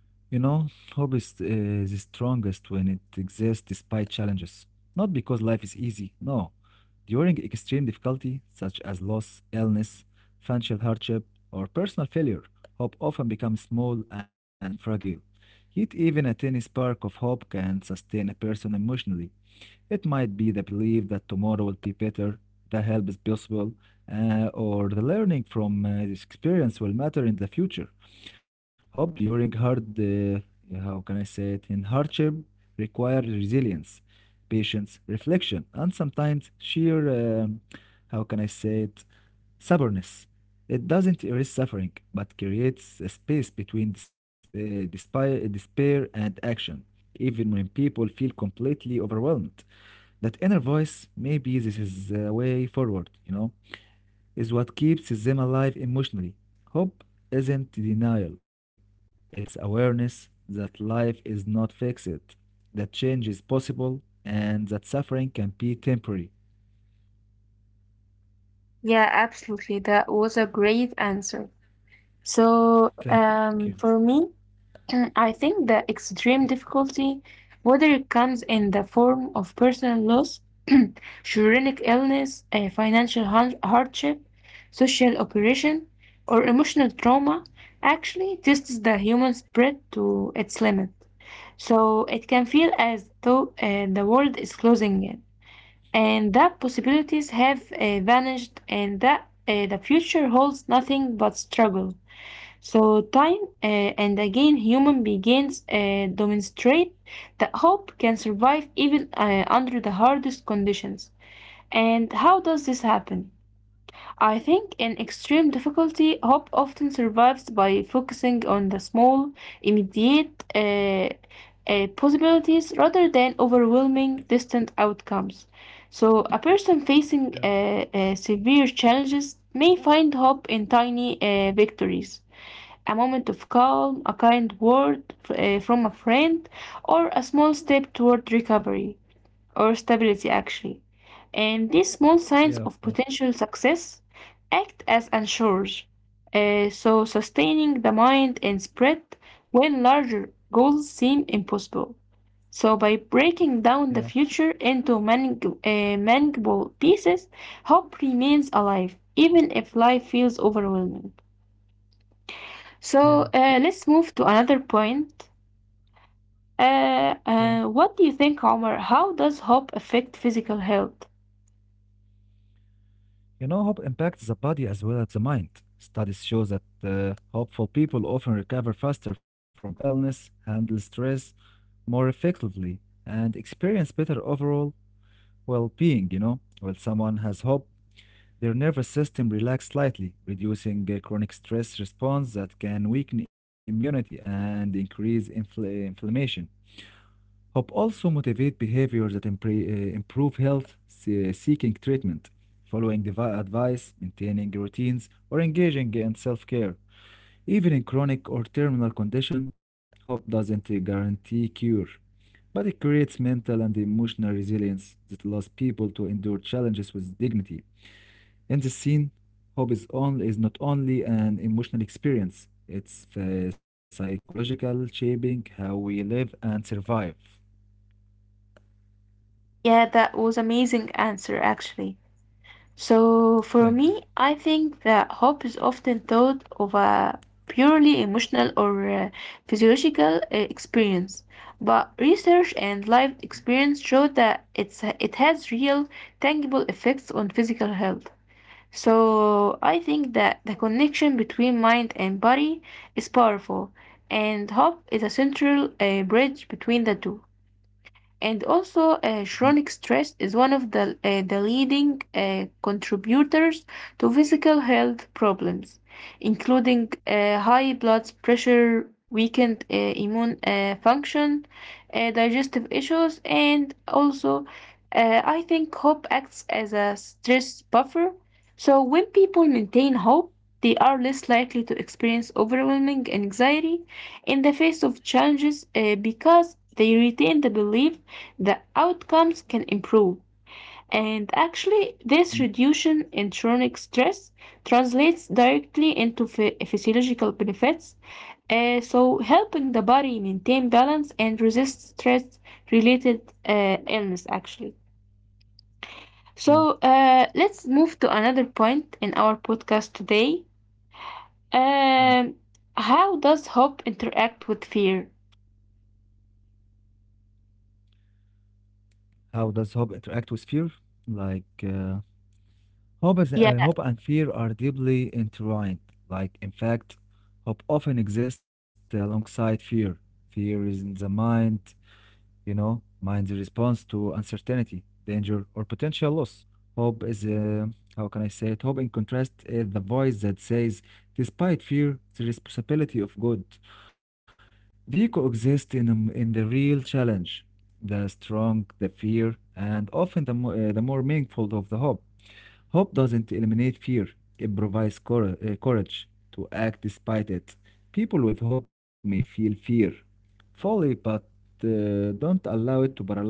[SPEAKER 2] You know, hope is the strongest when it exists despite challenges. Not because life is easy, no. During extreme difficulty, such as loss, illness, financial hardship, or personal failure, hope often becomes small and fragile. Yet, even a tiny spark of hope can sustain a person emotionally. It might be the belief that tomorrow will be better, the help is possible, or the learning from this experience will matter in the future. Hope during hard, how can I say it, in hardship require resilience, patience, reflection, and sometimes sheer, um, how can I say it, stubbornness. It doesn't erase suffering, but creates a space between despair and action, even when people feel completely overwhelmed. That inner voice, maybe this is a way forward, you know, is what keeps them alive emotionally. Hope isn't denial, it's awareness that life is not fixed, that change is possible, and that suffering can be temporary.
[SPEAKER 1] Yeah, absolutely. That was a great answer. So,
[SPEAKER 2] Thank you.
[SPEAKER 1] for me, I think the extreme difficulty, whether it comes in the form of personal loss, chronic illness, a financial hardship, social oppression, or emotional trauma, actually tests the human spirit to its limit. So it can feel as though the world is closing in, and that possibilities have vanished, and that the future holds nothing but struggle. So time and again, human beings demonstrate that hope can survive even under the hardest conditions. And how does this happen? I think in extreme difficulty, hope often survives by focusing on the small, immediate possibilities rather than overwhelming, distant outcomes. So, a person
[SPEAKER 2] Yeah.
[SPEAKER 1] facing severe challenges may find hope in tiny victories: a moment of calm, a kind word from a friend, or a small step toward recovery or stability, actually. And these small
[SPEAKER 2] Yeah, of
[SPEAKER 1] signs
[SPEAKER 2] course.
[SPEAKER 1] of potential success act as anchors, so sustaining the mind and spread when larger goals seem impossible. So by breaking
[SPEAKER 2] Yeah.
[SPEAKER 1] down the future into manageable pieces, hope remains alive even if life feels overwhelming.
[SPEAKER 2] Yeah.
[SPEAKER 1] So let's move to another point.
[SPEAKER 2] Yeah.
[SPEAKER 1] What do you think, Omar? How does hope affect physical health?
[SPEAKER 2] You know, hope impacts the body as well as the mind. Studies show that hopeful people often recover faster from illness, handle stress more effectively, and experience better overall well being. You know, when someone has hope, their nervous system relaxes slightly, reducing a chronic stress response that can weaken immunity and increase inflammation. Hope also motivates behaviors that improve health, seeking treatment, following advice, maintaining routines, or engaging in self-care. Even in chronic or terminal condition, hope doesn't guarantee cure, but it creates mental and emotional resilience that allows people to endure challenges with dignity. In this scene, hope is, is not only an emotional experience, it's psychological, shaping how we live and survive.
[SPEAKER 1] Yeah, that was amazing answer actually. So
[SPEAKER 2] Thank
[SPEAKER 1] for
[SPEAKER 2] you.
[SPEAKER 1] me, I think that hope is often thought of a purely emotional or physiological experience, but research and life experience show that it has real tangible effects on physical health. So I think that the connection between mind and body is powerful, and hope is a central bridge between the two. And also, chronic stress is one of the leading contributors to physical health problems, including high blood pressure, weakened immune function, digestive issues, and also, I think hope acts as a stress buffer. So, when people maintain hope, they are less likely to experience overwhelming anxiety in the face of challenges, because they retain the belief that outcomes can improve. And actually,
[SPEAKER 2] Mm,
[SPEAKER 1] this reduction in chronic stress translates directly into physiological benefits, so helping the body maintain balance and resist stress related illness, actually.
[SPEAKER 2] Yeah,
[SPEAKER 1] So let's move to another point in our podcast today.
[SPEAKER 2] yeah.
[SPEAKER 1] Um, how does hope interact with fear?
[SPEAKER 2] How does hope interact with fear? Like,
[SPEAKER 1] Yeah,
[SPEAKER 2] hope and fear are deeply intertwined. Like, in fact, hope often exists alongside fear. Fear is in the mind, you know, mind's response to uncertainty, danger, or potential loss. Hope is, how can I say it? Hope, in contrast, is the voice that says, despite fear, the responsibility of good. They coexist in the real challenge the strong, the fear, and often the more meaningful of the hope. Hope doesn't eliminate fear, it provides courage to act despite it. People with hope may feel fear fully, but don't allow it to paralyze them.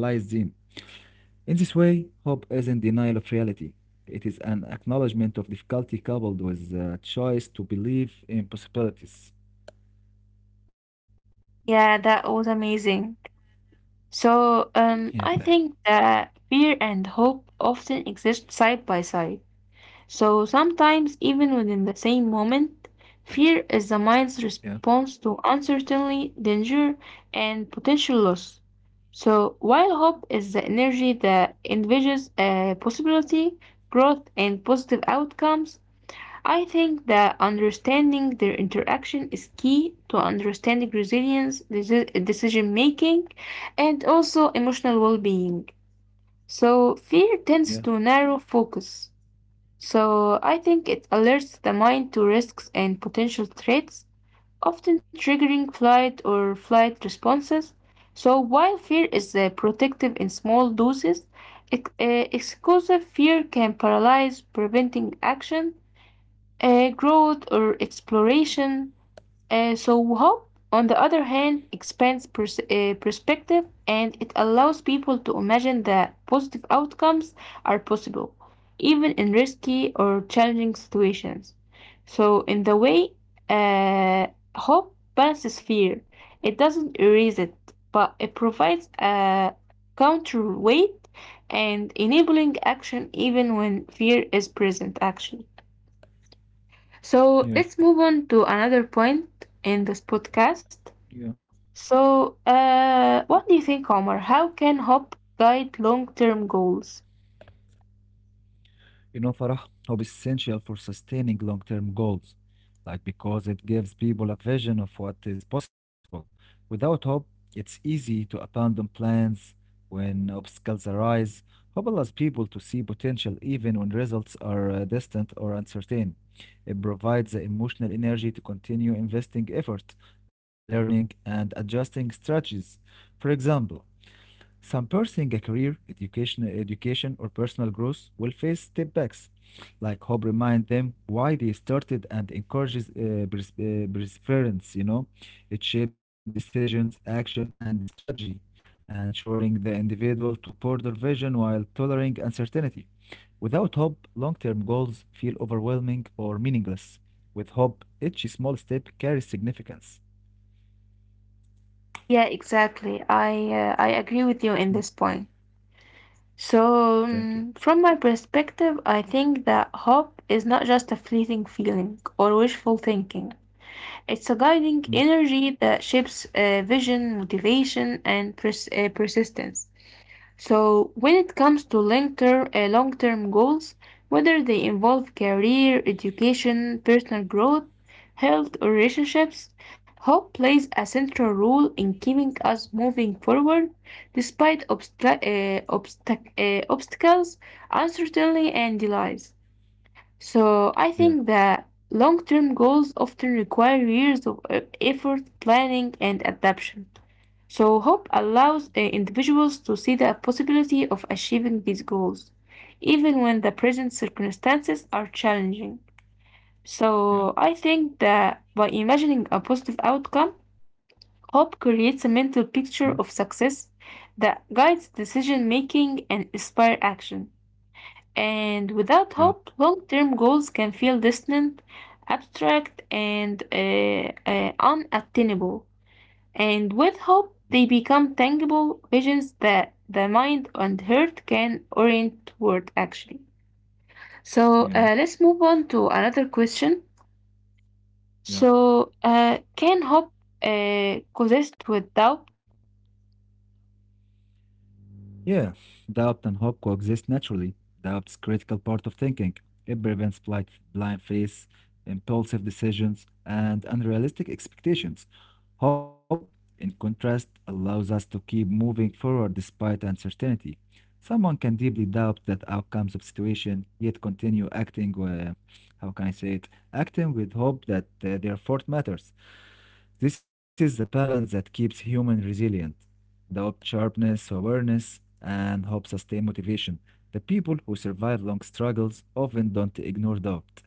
[SPEAKER 2] In this way, hope isn't denial of reality. It is an acknowledgement of difficulty coupled with a choice to believe in possibilities.
[SPEAKER 1] yeah, That was amazing. So
[SPEAKER 2] Yeah, thank you.
[SPEAKER 1] I think that fear and hope often exist side by side. So sometimes, even within the same moment, fear is the mind's
[SPEAKER 2] Yeah.
[SPEAKER 1] response to uncertainty, danger, and potential loss. So, while hope is the energy that envisages a possibility, growth, and positive outcomes, I think that understanding their interaction is key to understanding resilience, decision making, and also emotional well being. So, fear
[SPEAKER 2] Yeah.
[SPEAKER 1] tends to narrow focus. So, I think it alerts the mind to risks and potential threats often triggering flight or flight responses. So, while fear is protective in small doses, exclusive fear can paralyze, preventing action, growth, or exploration. So hope, on the other hand, expands perspective, and it allows people to imagine that positive outcomes are possible, even in risky or challenging situations. So, in the way, uh, hope balances fear. It doesn't erase it, but it provides a counterweight and enabling action even when fear is present, actually.
[SPEAKER 2] yeah,
[SPEAKER 1] So let's move on to another point in this podcast.
[SPEAKER 2] yeah.
[SPEAKER 1] So, what do you think, Omar? How can hope guide long-term goals?
[SPEAKER 2] You know, Farah, hope is essential for sustaining long term goals, like because it gives people a vision of what is possible. Without hope, it's easy to abandon plans when obstacles arise. Hope allows people to see potential even when results are distant or uncertain. It provides the emotional energy to continue investing effort, learning, and adjusting strategies. For example, some pursuing a career, education or personal growth will face setbacks. Like hope remind them why they started and encourages perseverance. You know, it shapes decisions, action, and strategy, ensuring the individual to broader vision while tolerating uncertainty. Without hope, long-term goals feel overwhelming or meaningless. With hope, each small step carries significance.
[SPEAKER 1] Yeah, exactly. I agree with you in this
[SPEAKER 2] Mm,
[SPEAKER 1] point. So,
[SPEAKER 2] Thank
[SPEAKER 1] from
[SPEAKER 2] you.
[SPEAKER 1] my perspective, I think that hope is not just a fleeting feeling or wishful thinking. It's a guiding
[SPEAKER 2] Mm,
[SPEAKER 1] energy that shapes vision, motivation, and persistence. So when it comes to long-term goals, whether they involve career, education, personal growth, health, or relationships, hope plays a central role in keeping us moving forward despite obstacles, uncertainty, and delays. So I think
[SPEAKER 2] Yeah,
[SPEAKER 1] that long term goals often require years of effort, planning, and adaptation. So hope allows individuals to see the possibility of achieving these goals, even when the present circumstances are challenging. So I
[SPEAKER 2] yeah,
[SPEAKER 1] think that by imagining a positive outcome, hope creates a mental
[SPEAKER 2] mm,
[SPEAKER 1] picture of success that guides decision making and inspire action. And
[SPEAKER 2] yeah,
[SPEAKER 1] without hope, long term goals can feel distant, abstract, and unattainable. And with hope, they become tangible visions that the mind and heart can orient toward actually. So
[SPEAKER 2] yeah.
[SPEAKER 1] let's move on to another question.
[SPEAKER 2] Yeah.
[SPEAKER 1] So, can hope coexist with doubt?
[SPEAKER 2] Yeah. Doubt and hope coexist naturally. Doubt's critical part of thinking. It prevents blind faith, impulsive decisions, and unrealistic expectations. Hope, in contrast, allows us to keep moving forward despite uncertainty. Someone can deeply doubt that outcomes of situation, yet continue acting. How can I say it? Acting with hope that their effort matters. This is the balance that keeps human resilient. Doubt sharpness, awareness, and hope sustain motivation. The people who survive long struggles often don't ignore doubt.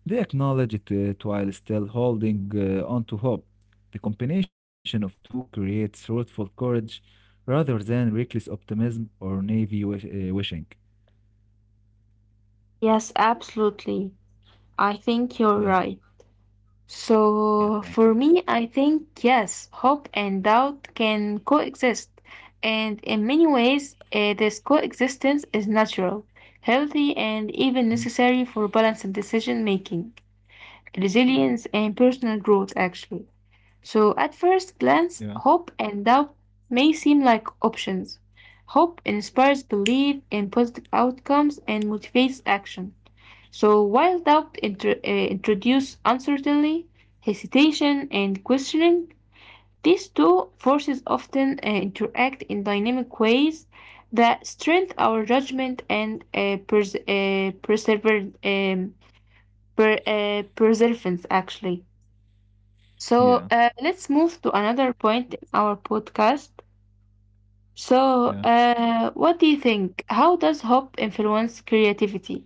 [SPEAKER 2] They acknowledge it while still holding on to hope. The combination of two creates truthful courage rather than reckless optimism or naive wishing.
[SPEAKER 1] Yes, absolutely. I think you're right.
[SPEAKER 2] Yeah,
[SPEAKER 1] So,
[SPEAKER 2] yeah,
[SPEAKER 1] for
[SPEAKER 2] thank
[SPEAKER 1] me,
[SPEAKER 2] you.
[SPEAKER 1] I think yes, hope and doubt can coexist. And in many ways, this coexistence is natural, healthy, and even
[SPEAKER 2] Mm,
[SPEAKER 1] necessary for balance and decision making, resilience, and personal growth, actually. So, at first glance,
[SPEAKER 2] Yeah,
[SPEAKER 1] hope and doubt may seem like options. Hope inspires belief in positive outcomes and motivates action so while doubt introduce uncertainty, hesitation, and questioning, these two forces often interact in dynamic ways that strengthen our judgment and perseverance, actually. So
[SPEAKER 2] yeah,
[SPEAKER 1] let's move to another point in our podcast.
[SPEAKER 2] yeah.
[SPEAKER 1] So, what do you think? How does hope influence creativity?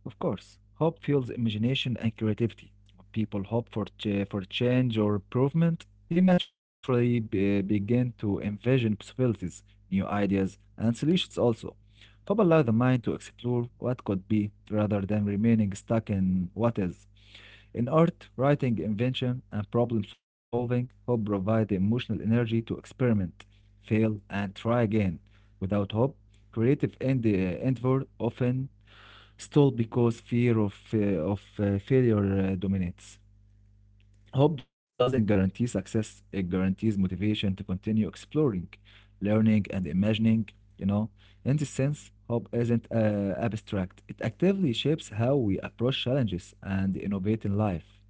[SPEAKER 2] Of course, hope fuels imagination and creativity. When people hope for change or improvement, they naturally begin to envision possibilities, new ideas, and solutions also. Hope allows the mind to explore what could be rather than remaining stuck in what is. In art, writing, invention, and problem solving, hope provides the emotional energy to experiment, fail, and try again. Without hope, creative endeavor often stall because fear of failure dominates. Hope doesn't guarantee success, it guarantees motivation to continue exploring, learning, and imagining, you know. In this sense, hope isn't abstract. It actively shapes how we approach challenges and innovate in life.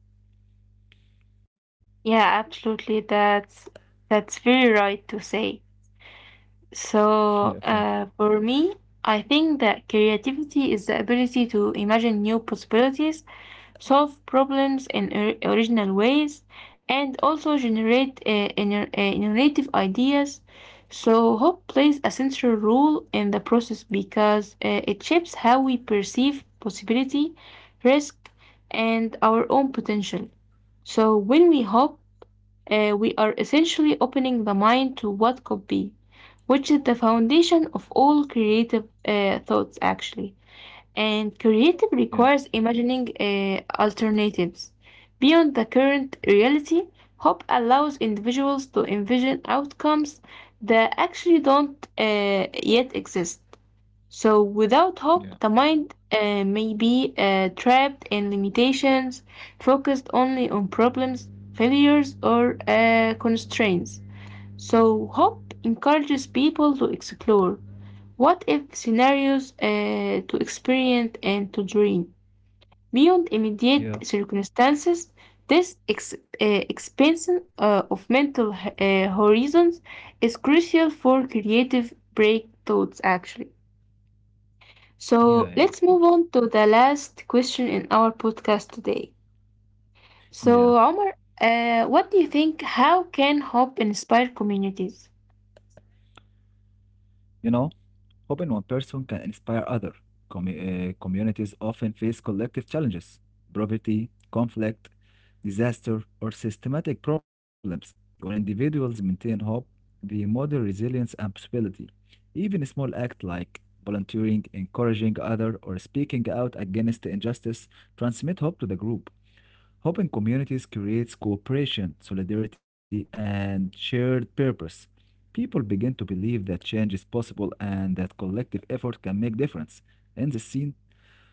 [SPEAKER 1] Yeah, absolutely. That's very right to say.
[SPEAKER 2] Yeah,
[SPEAKER 1] So,
[SPEAKER 2] thank you.
[SPEAKER 1] for me, I think that creativity is the ability to imagine new possibilities, solve problems in original ways, and also generate innovative ideas. So, hope plays a central role in the process because it shapes how we perceive possibility, risk, and our own potential. So when we hope, we are essentially opening the mind to what could be, which is the foundation of all creative thoughts, actually. And creative
[SPEAKER 2] Mhm, mhm. Yeah,
[SPEAKER 1] requires imagining alternatives. Beyond the current reality, hope allows individuals to envision outcomes that actually don't yet exist. So, without
[SPEAKER 2] yeah,
[SPEAKER 1] hope, the mind may be trapped in limitations, focused only on problems, failures, or constraints. So, hope encourages people to explore what if scenarios, to experiment, and to dream. Beyond immediate
[SPEAKER 2] yeah,
[SPEAKER 1] circumstances, this expansion of mental horizons is crucial for creative breakthroughs, actually.
[SPEAKER 2] yeah, yeah,
[SPEAKER 1] So
[SPEAKER 2] of
[SPEAKER 1] let's
[SPEAKER 2] course.
[SPEAKER 1] move on to the last question in our podcast today.
[SPEAKER 2] Yeah.
[SPEAKER 1] So, Omar, what do you think? How can hope inspire communities?
[SPEAKER 2] You know, hoping one person can inspire other. Communities often face collective challenges, poverty, conflict, disaster, or systematic problems. When individuals maintain hope, they model resilience and possibility. Even a small act like volunteering, encouraging others, or speaking out against injustice transmit hope to the group. Hope in communities creates cooperation, solidarity, and shared purpose. People begin to believe that change is possible and that collective effort can make difference. In this scene,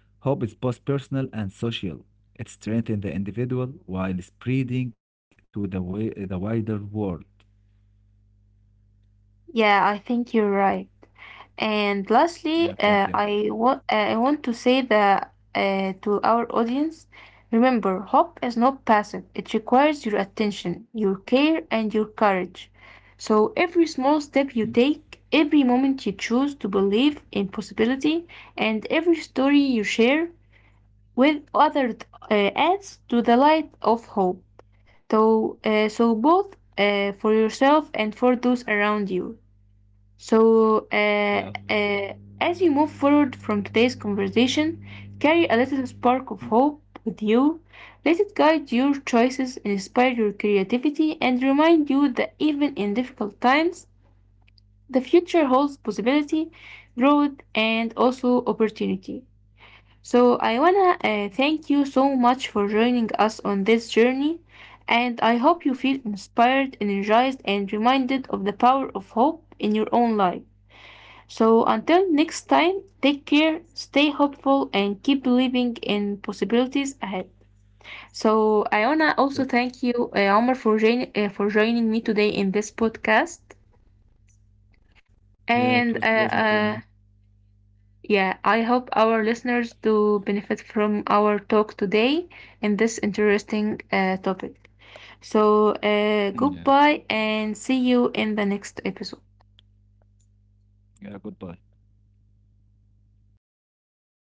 [SPEAKER 2] hope is both personal and social. It strengthens the individual while spreading to the wider world.
[SPEAKER 1] Yeah, I think you're right. And
[SPEAKER 2] Yeah,
[SPEAKER 1] lastly,
[SPEAKER 2] thank you.
[SPEAKER 1] I want to say that to our audience, remember, hope is not passive. It requires your attention, your care, and your courage. So every small step you take, every moment you choose to believe in possibility, and every story you share with others adds to the light of hope. So, so both for yourself and for those around you. So,
[SPEAKER 2] Yeah,
[SPEAKER 1] as you move forward from today's conversation, carry a little spark of hope with you. Let it guide your choices, inspire your creativity, and remind you that even in difficult times, the future holds possibility, growth, and also opportunity. So, I wanna thank you so much for joining us on this journey, and I hope you feel inspired, energized, and reminded of the power of hope in your own life. So until next time, take care, stay hopeful, and keep believing in possibilities ahead. So I wanna
[SPEAKER 2] yeah,
[SPEAKER 1] also thank you, Omar, for for joining me today in this podcast.
[SPEAKER 2] yeah. It was pleasant
[SPEAKER 1] And
[SPEAKER 2] for me.
[SPEAKER 1] yeah, I hope our listeners do benefit from our talk today in this interesting topic. So
[SPEAKER 2] Yeah.
[SPEAKER 1] goodbye, and see you in the next episode.
[SPEAKER 2] Yeah. Goodbye.